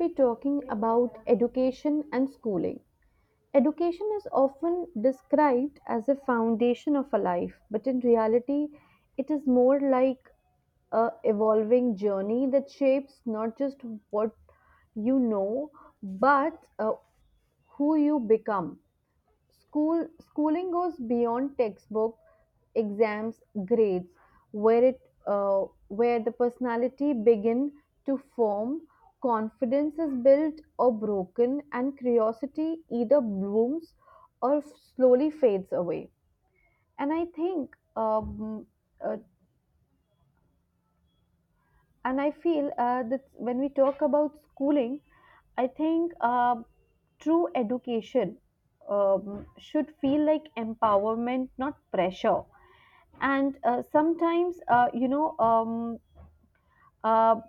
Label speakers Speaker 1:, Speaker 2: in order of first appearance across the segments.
Speaker 1: Be talking about education and schooling. Education is often described as a foundation of a life, but in reality, it is more like a evolving journey that shapes not just what you know, but who you become. Schooling goes beyond textbook, exams, grades, where it where the personality begin to form, confidence is built or broken, and curiosity either blooms or slowly fades away. And I think um, uh, and I feel that when we talk about schooling, I think true education should feel like empowerment, not pressure. And sometimes, uh,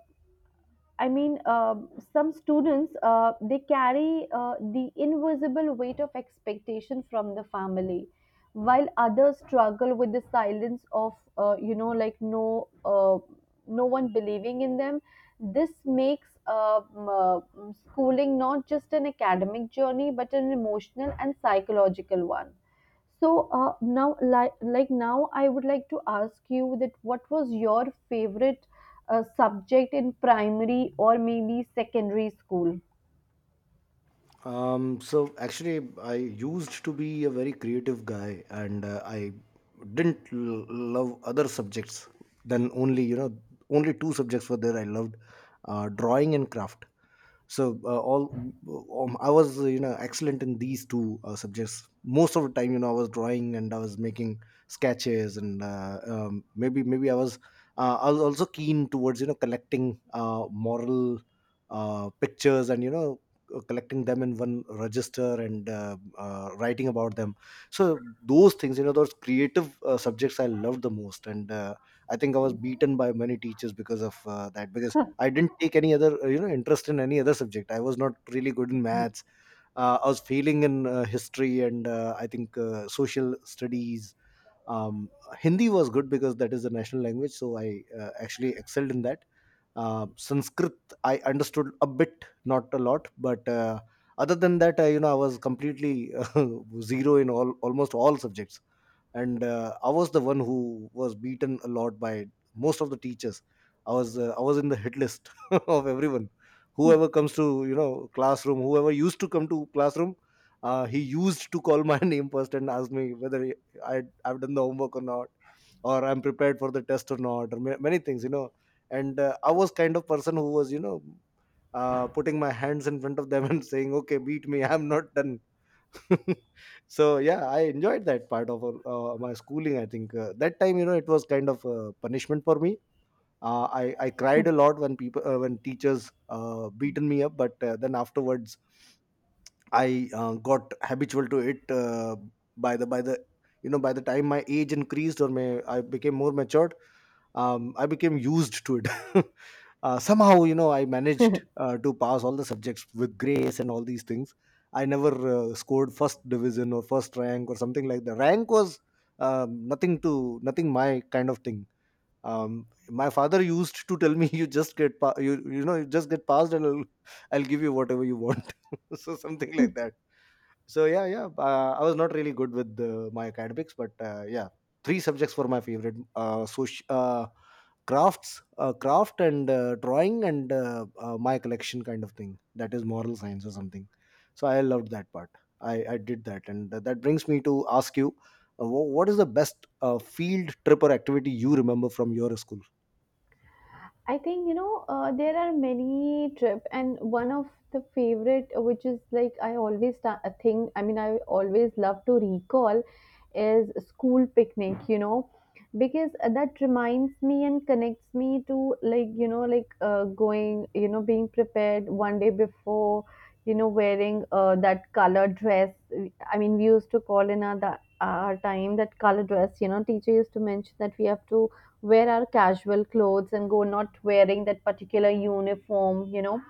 Speaker 1: I mean, some students, they carry the invisible weight of expectation from the family, while others struggle with the silence of, like, uh, no one believing in them. This makes, schooling not just an academic journey but an emotional and psychological one. So now, like now, I would like to ask you that what was your favorite subject in primary or maybe secondary school?
Speaker 2: So actually, I used to be a very creative guy, and I didn't love other subjects than only you know only two subjects were there I loved, drawing and craft. So all I was excellent in these two subjects. Most of the time, I was drawing and I was making sketches, and maybe I was also keen towards collecting moral pictures, and collecting them in one register, and writing about them. So those things, those creative subjects, I loved the most. And I think I was beaten by many teachers because of that, because I didn't take any other interest in any other subject. I was not really good in maths. I was failing in history and I think social studies. um, Hindi was good because that is the national language, so I actually excelled in that. Sanskrit I understood a bit, not a lot, but other than that, I was completely zero in all, almost all subjects. And I was the one who was beaten a lot by most of the teachers. I was I was in the hit list of everyone.
Speaker 1: Mhm.
Speaker 2: Whoever comes to classroom, whoever used to come to classroom, he used to call my name first and ask me whether I've done the homework or not, or I'm prepared for the test or not, or many things, you know. And I was kind of person who was putting my hands in front of them and saying, okay, beat me, I'm not done. So yeah, I enjoyed that part of my schooling. I think that time, you know, it was kind of a punishment for me. I cried a lot when people when teachers beaten me up, but then afterwards I got habitual to it. By the by the time my age increased, or may I became more matured, I became used to it. Somehow, you know, I managed to pass all the subjects with grace and all these things. I never scored first division or first rank or something like that. Rank was nothing to nothing, my kind of thing. My father used to tell me, you just you, you know you just get passed, and I'll give you whatever you want. So something like that. So yeah. I was not really good with my academics, but yeah, three subjects were my favorite: craft, and drawing, and my collection kind of thing. That is moral science or something. So I loved that part. I did that, and that brings me to ask you, what is the best field trip or activity you remember from your school?
Speaker 1: I think there are many trip, and one of the favorite, which is like I always a thing. I mean, I always love to recall is school picnic. Because that reminds me and connects me to, like, going, being prepared one day before. You know, wearing that color dress. I mean, we used to call in our time that color dress. You know, teacher used to mention that we have to wear our casual clothes and go not wearing that particular uniform, you know,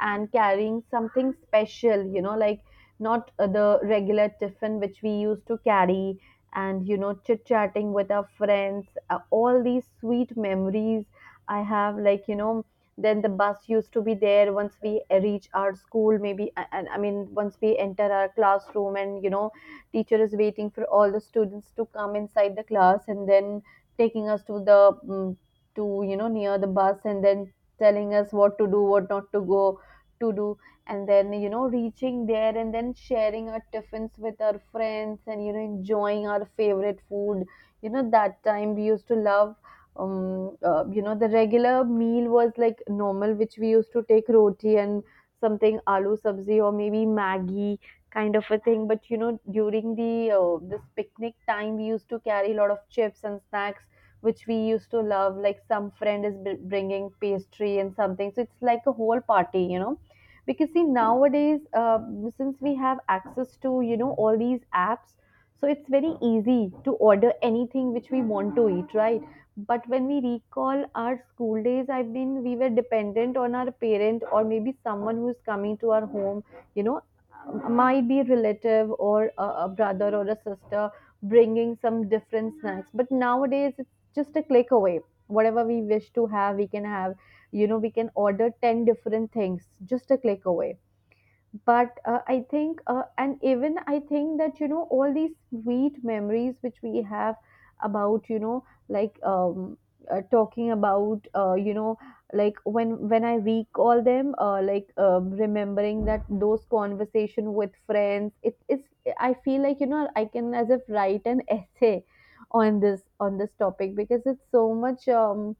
Speaker 1: and carrying something special, you know, like not the regular tiffin which we used to carry, and you know chit-chatting with our friends, all these sweet memories I have, like you know. Then the bus used to be there once we reach our school, maybe and I mean once we enter our classroom, and you know teacher is waiting for all the students to come inside the class, and then taking us to the, mm to you know near the bus, and then telling us what to do, what not to go to do, and then you know reaching there, and then sharing our tiffins with our friends, and you know enjoying our favorite food. You know, that time we used to love, you know, the regular meal was like normal, which we used to take roti and something, aloo sabzi or maybe maggi kind of a thing. But you know, during the this picnic time we used to carry a lot of chips and snacks, which we used to love, like some friend is bringing pastry and something, so it's like a whole party, you know, because see, nowadays, since we have access to you know all these apps, so it's very easy to order anything which we want to eat, right? But when we recall our school days, I mean we were dependent on our parent or maybe someone who's coming to our home, you know, might be a relative or a brother or a sister bringing some different snacks. But nowadays, just a click away, whatever we wish to have we can have. You know, we can order 10 different things, just a click away. But I think, and even I think that you know all these sweet memories which we have about you know, like, talking about, you know, like, when I recall them, like, remembering that those conversation with friends, it is, I feel like you know I can as if write an essay on this, on this topic, because it's so much,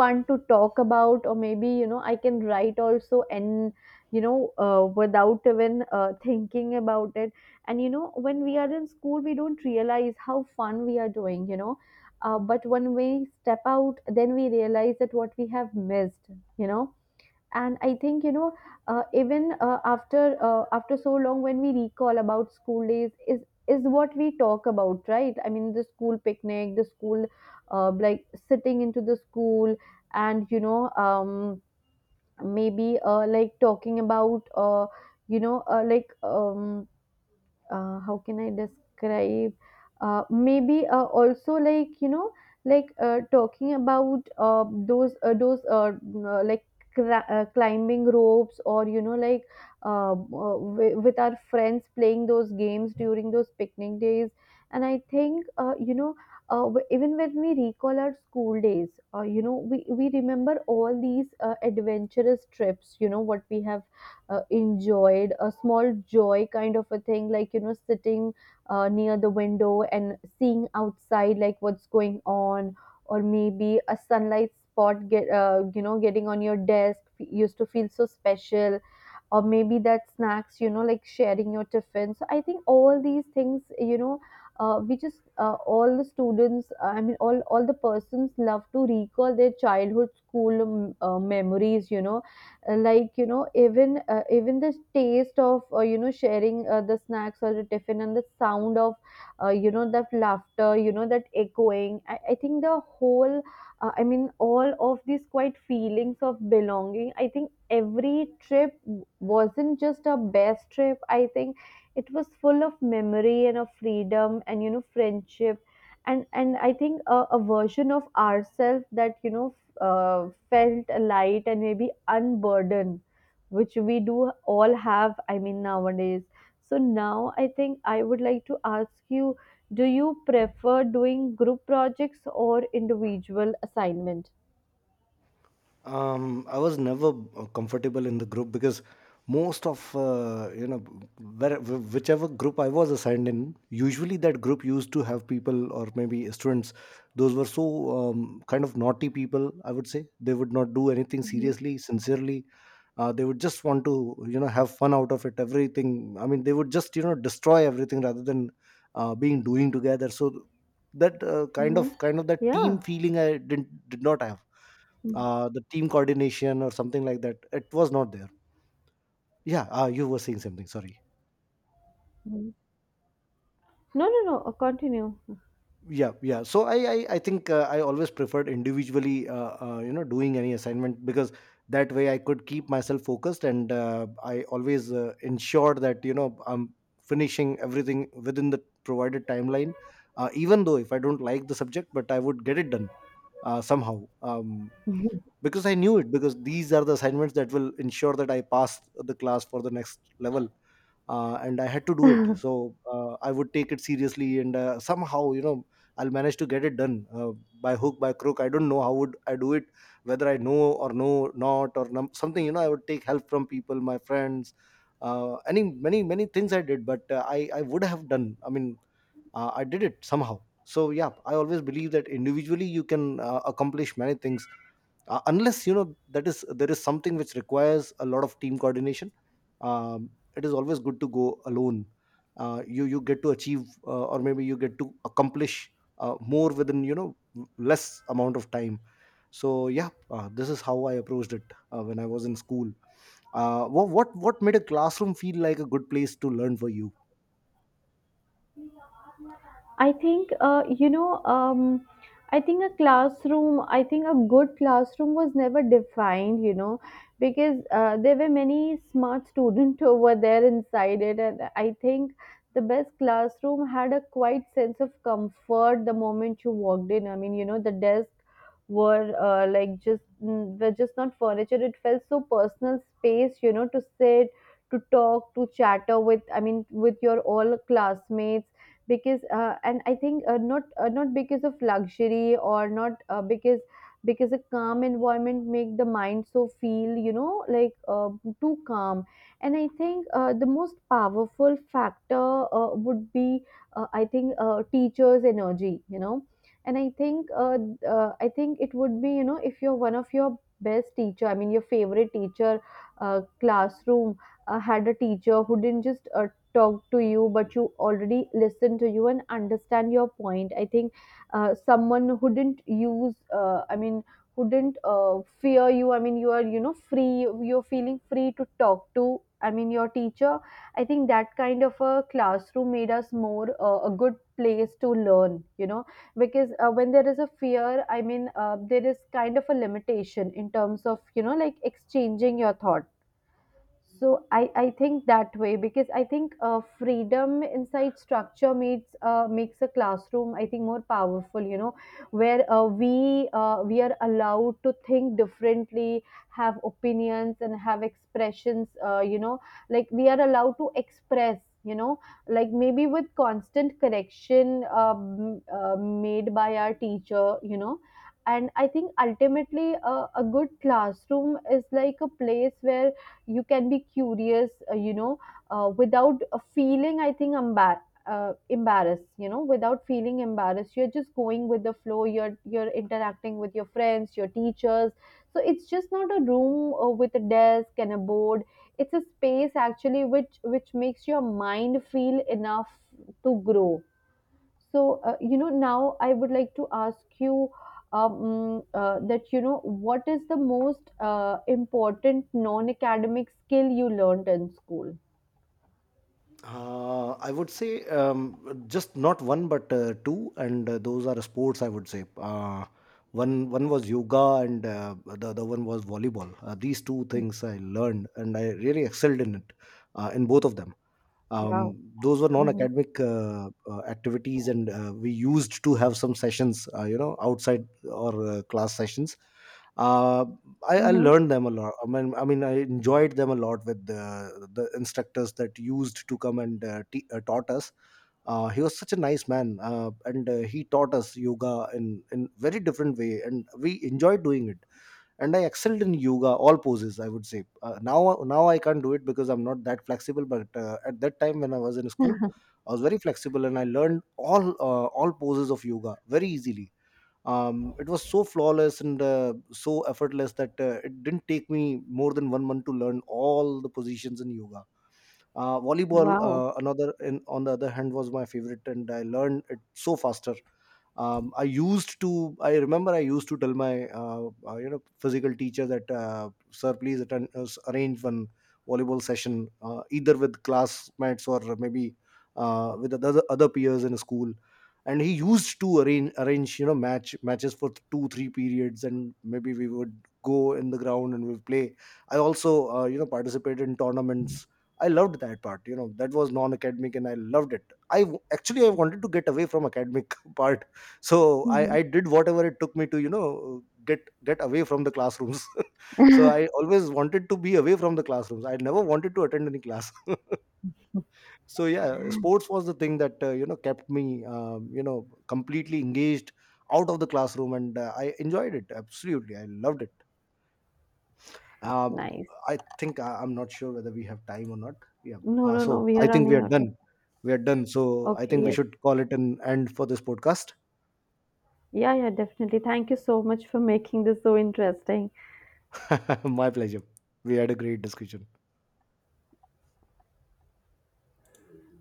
Speaker 1: want to talk about. Or maybe you know I can write also, and you know, without even thinking about it. And you know, when we are in school we don't realize how fun we are doing, you know, but when we step out, then we realize that what we have missed, you know. And I think you know, even after so long, when we recall about school days is what we talk about, right? I mean the school picnic, the school, like sitting into the school, and you know, maybe, like talking about, you know, like, how can I describe? Maybe also, like you know, like talking about, those like, climbing ropes, or you know, like, with our friends playing those games during those picnic days. And I think, you know. Even when we recall our school days, you know, we remember all these adventurous trips, you know, what we have enjoyed, a small joy kind of a thing, like you know, sitting near the window and seeing outside, like what's going on, or maybe a sunlight spot, get you know, getting on your desk used to feel so special. Or maybe that snacks, you know, like sharing your tiffin. So I think all these things, you know, we just all the students, I mean, all the persons love to recall their childhood school, memories, you know. Like you know, even even the taste of, you know, sharing the snacks or the tiffin, and the sound of, you know, that laughter, you know, that echoing, I think the whole, I mean all of these quite feelings of belonging, I think every trip wasn't just a best trip. I think it was full of memory and of freedom and you know friendship. And I think a version of ourselves that you know felt light, and maybe unburdened, which we do all have, I mean nowadays. So now I think I would like to ask you, do you prefer doing group projects or individual assignment?
Speaker 2: I was never comfortable in the group, because most of whichever group I was assigned in, usually that group used to have people or maybe students. Those were so kind of naughty people. I would say they would not do anything
Speaker 1: Mm-hmm.
Speaker 2: seriously, sincerely. They would just want to, you know, have fun out of it. Everything. I mean, they would just, you know, destroy everything rather than being doing together. So that uh, kind
Speaker 1: Mm-hmm.
Speaker 2: of kind of that team
Speaker 1: Yeah.
Speaker 2: feeling I did not have.
Speaker 1: Mhm.
Speaker 2: The team coordination or something like that, it was not there. Yeah, you were saying something, sorry?
Speaker 1: Mhm. No, no, no. Continue.
Speaker 2: Yeah, yeah. So I think I always preferred individually doing any assignment, because that way I could keep myself focused, and I always ensured that, you know, I'm finishing everything within the provided timeline. Even though if I don't like the subject, but I would get it done somehow, because I knew it, because these are the assignments that will ensure that I pass the class for the next level. And I had to do it. So I would take it seriously, and somehow, you know, I'll manage to get it done by hook, by crook. I don't know how would I do it, whether I know or know not, or something. You know, I would take help from people, my friends, any many things I did, but I would have done. I mean, I did it somehow. So yeah, I always believe that individually you can accomplish many things, unless, you know, that is, there is something which requires a lot of team coordination. um, it is always good to go alone. You get to achieve, or maybe you get to accomplish more within, you know, less amount of time. So yeah, this is how I approached it when I was in school. What made a classroom feel like a good place to learn for you?
Speaker 1: I think, you know, I think a classroom, I think a good classroom was never defined, you know, because there were many smart students over there inside it. And I think the best classroom had a quite sense of comfort the moment you walked in. I mean, you know, the desk were, were just not furniture, it felt so personal space, you know, to sit, to talk, to chatter with, I mean with your all classmates. Because and I think, not because of luxury, or not because because a calm environment make the mind so feel, you know, like, too calm. And I think, the most powerful factor, would be, I think, teachers energy, you know. And I think, I think it would be, you know, if you're one of your best teacher, I mean your favorite teacher, classroom, had a teacher who didn't just, talk to you, but you already listen to you and understand your point. I think someone who didn't use, I mean, who didn't, fear you, I mean you are you know free, you're feeling free to talk to, I mean your teacher. I think that kind of a classroom made us more, a good place to learn, you know. Because when there is a fear, I mean, there is kind of a limitation in terms of you know like exchanging your thoughts. So I think that way, because I think freedom inside structure makes, makes a classroom I think more powerful, you know, where, we are allowed to think differently, have opinions and have expressions, you know, like, we are allowed to express, you know, like, maybe with constant correction, made by our teacher, you know. And I think ultimately, a good classroom is like a place where you can be curious, you know, without, feeling, I think, embarrassed, you know, without feeling embarrassed. You're just going with the flow, you're interacting with your friends, your teachers. So it's just not a room, with a desk and a board, it's a space actually which makes your mind feel enough to grow. So, you know, now I would like to ask you, that, you know, what is the most important non academic skill you learned in school?
Speaker 2: I would say just not one but two, and those are sports. I would say one was yoga, and the other one was volleyball. These two things I learned, and I really excelled in it in both of them.
Speaker 1: Wow.
Speaker 2: Those were
Speaker 1: Mm-hmm.
Speaker 2: non-academic activities, and we used to have some sessions outside or class sessions. uh, I
Speaker 1: Mm-hmm.
Speaker 2: learned them a lot. I mean, I enjoyed them a lot with the instructors that used to come and taught us. He was such a nice man, and he taught us yoga in very different way, and we enjoyed doing it. And I excelled in yoga, all poses, I would say. Now I can't do it because I'm not that flexible, but at that time when I was in school, I was very flexible, and I learned all poses of yoga very easily. It was so flawless and so effortless that it didn't take me more than 1 month to learn all the positions in yoga. Volleyball,
Speaker 1: Wow.
Speaker 2: on the other hand, was my favorite, and I learned it so faster. I remember I used to tell my physical teacher that, sir, please arrange one volleyball session either with classmates or maybe with the other peers in school. And he used to arrange, you know, matches for 2 3 periods, and maybe we would go in the ground and we'd play. I also participated in tournaments. I loved that part, you know, that was non academic and I loved it. Actually, I wanted to get away from academic part. So
Speaker 1: Mm-hmm.
Speaker 2: I did whatever it took me to, you know, get away from the classrooms. So I always wanted to be away from the classrooms, I never wanted to attend any class. So yeah, sports was the thing that kept me completely engaged out of the classroom, and I enjoyed it absolutely, I loved it. um,
Speaker 1: Nice.
Speaker 2: I think I'm not sure whether we have time or not. Yeah,
Speaker 1: No, no, no.
Speaker 2: so
Speaker 1: We
Speaker 2: I
Speaker 1: are
Speaker 2: think we
Speaker 1: running
Speaker 2: are
Speaker 1: out
Speaker 2: done.
Speaker 1: of.
Speaker 2: We are done. So I
Speaker 1: Okay.
Speaker 2: think we
Speaker 1: Yes.
Speaker 2: should call it an end for this podcast.
Speaker 1: Yeah, yeah, definitely. Thank you so much for making this so interesting.
Speaker 2: My pleasure. We had a great discussion.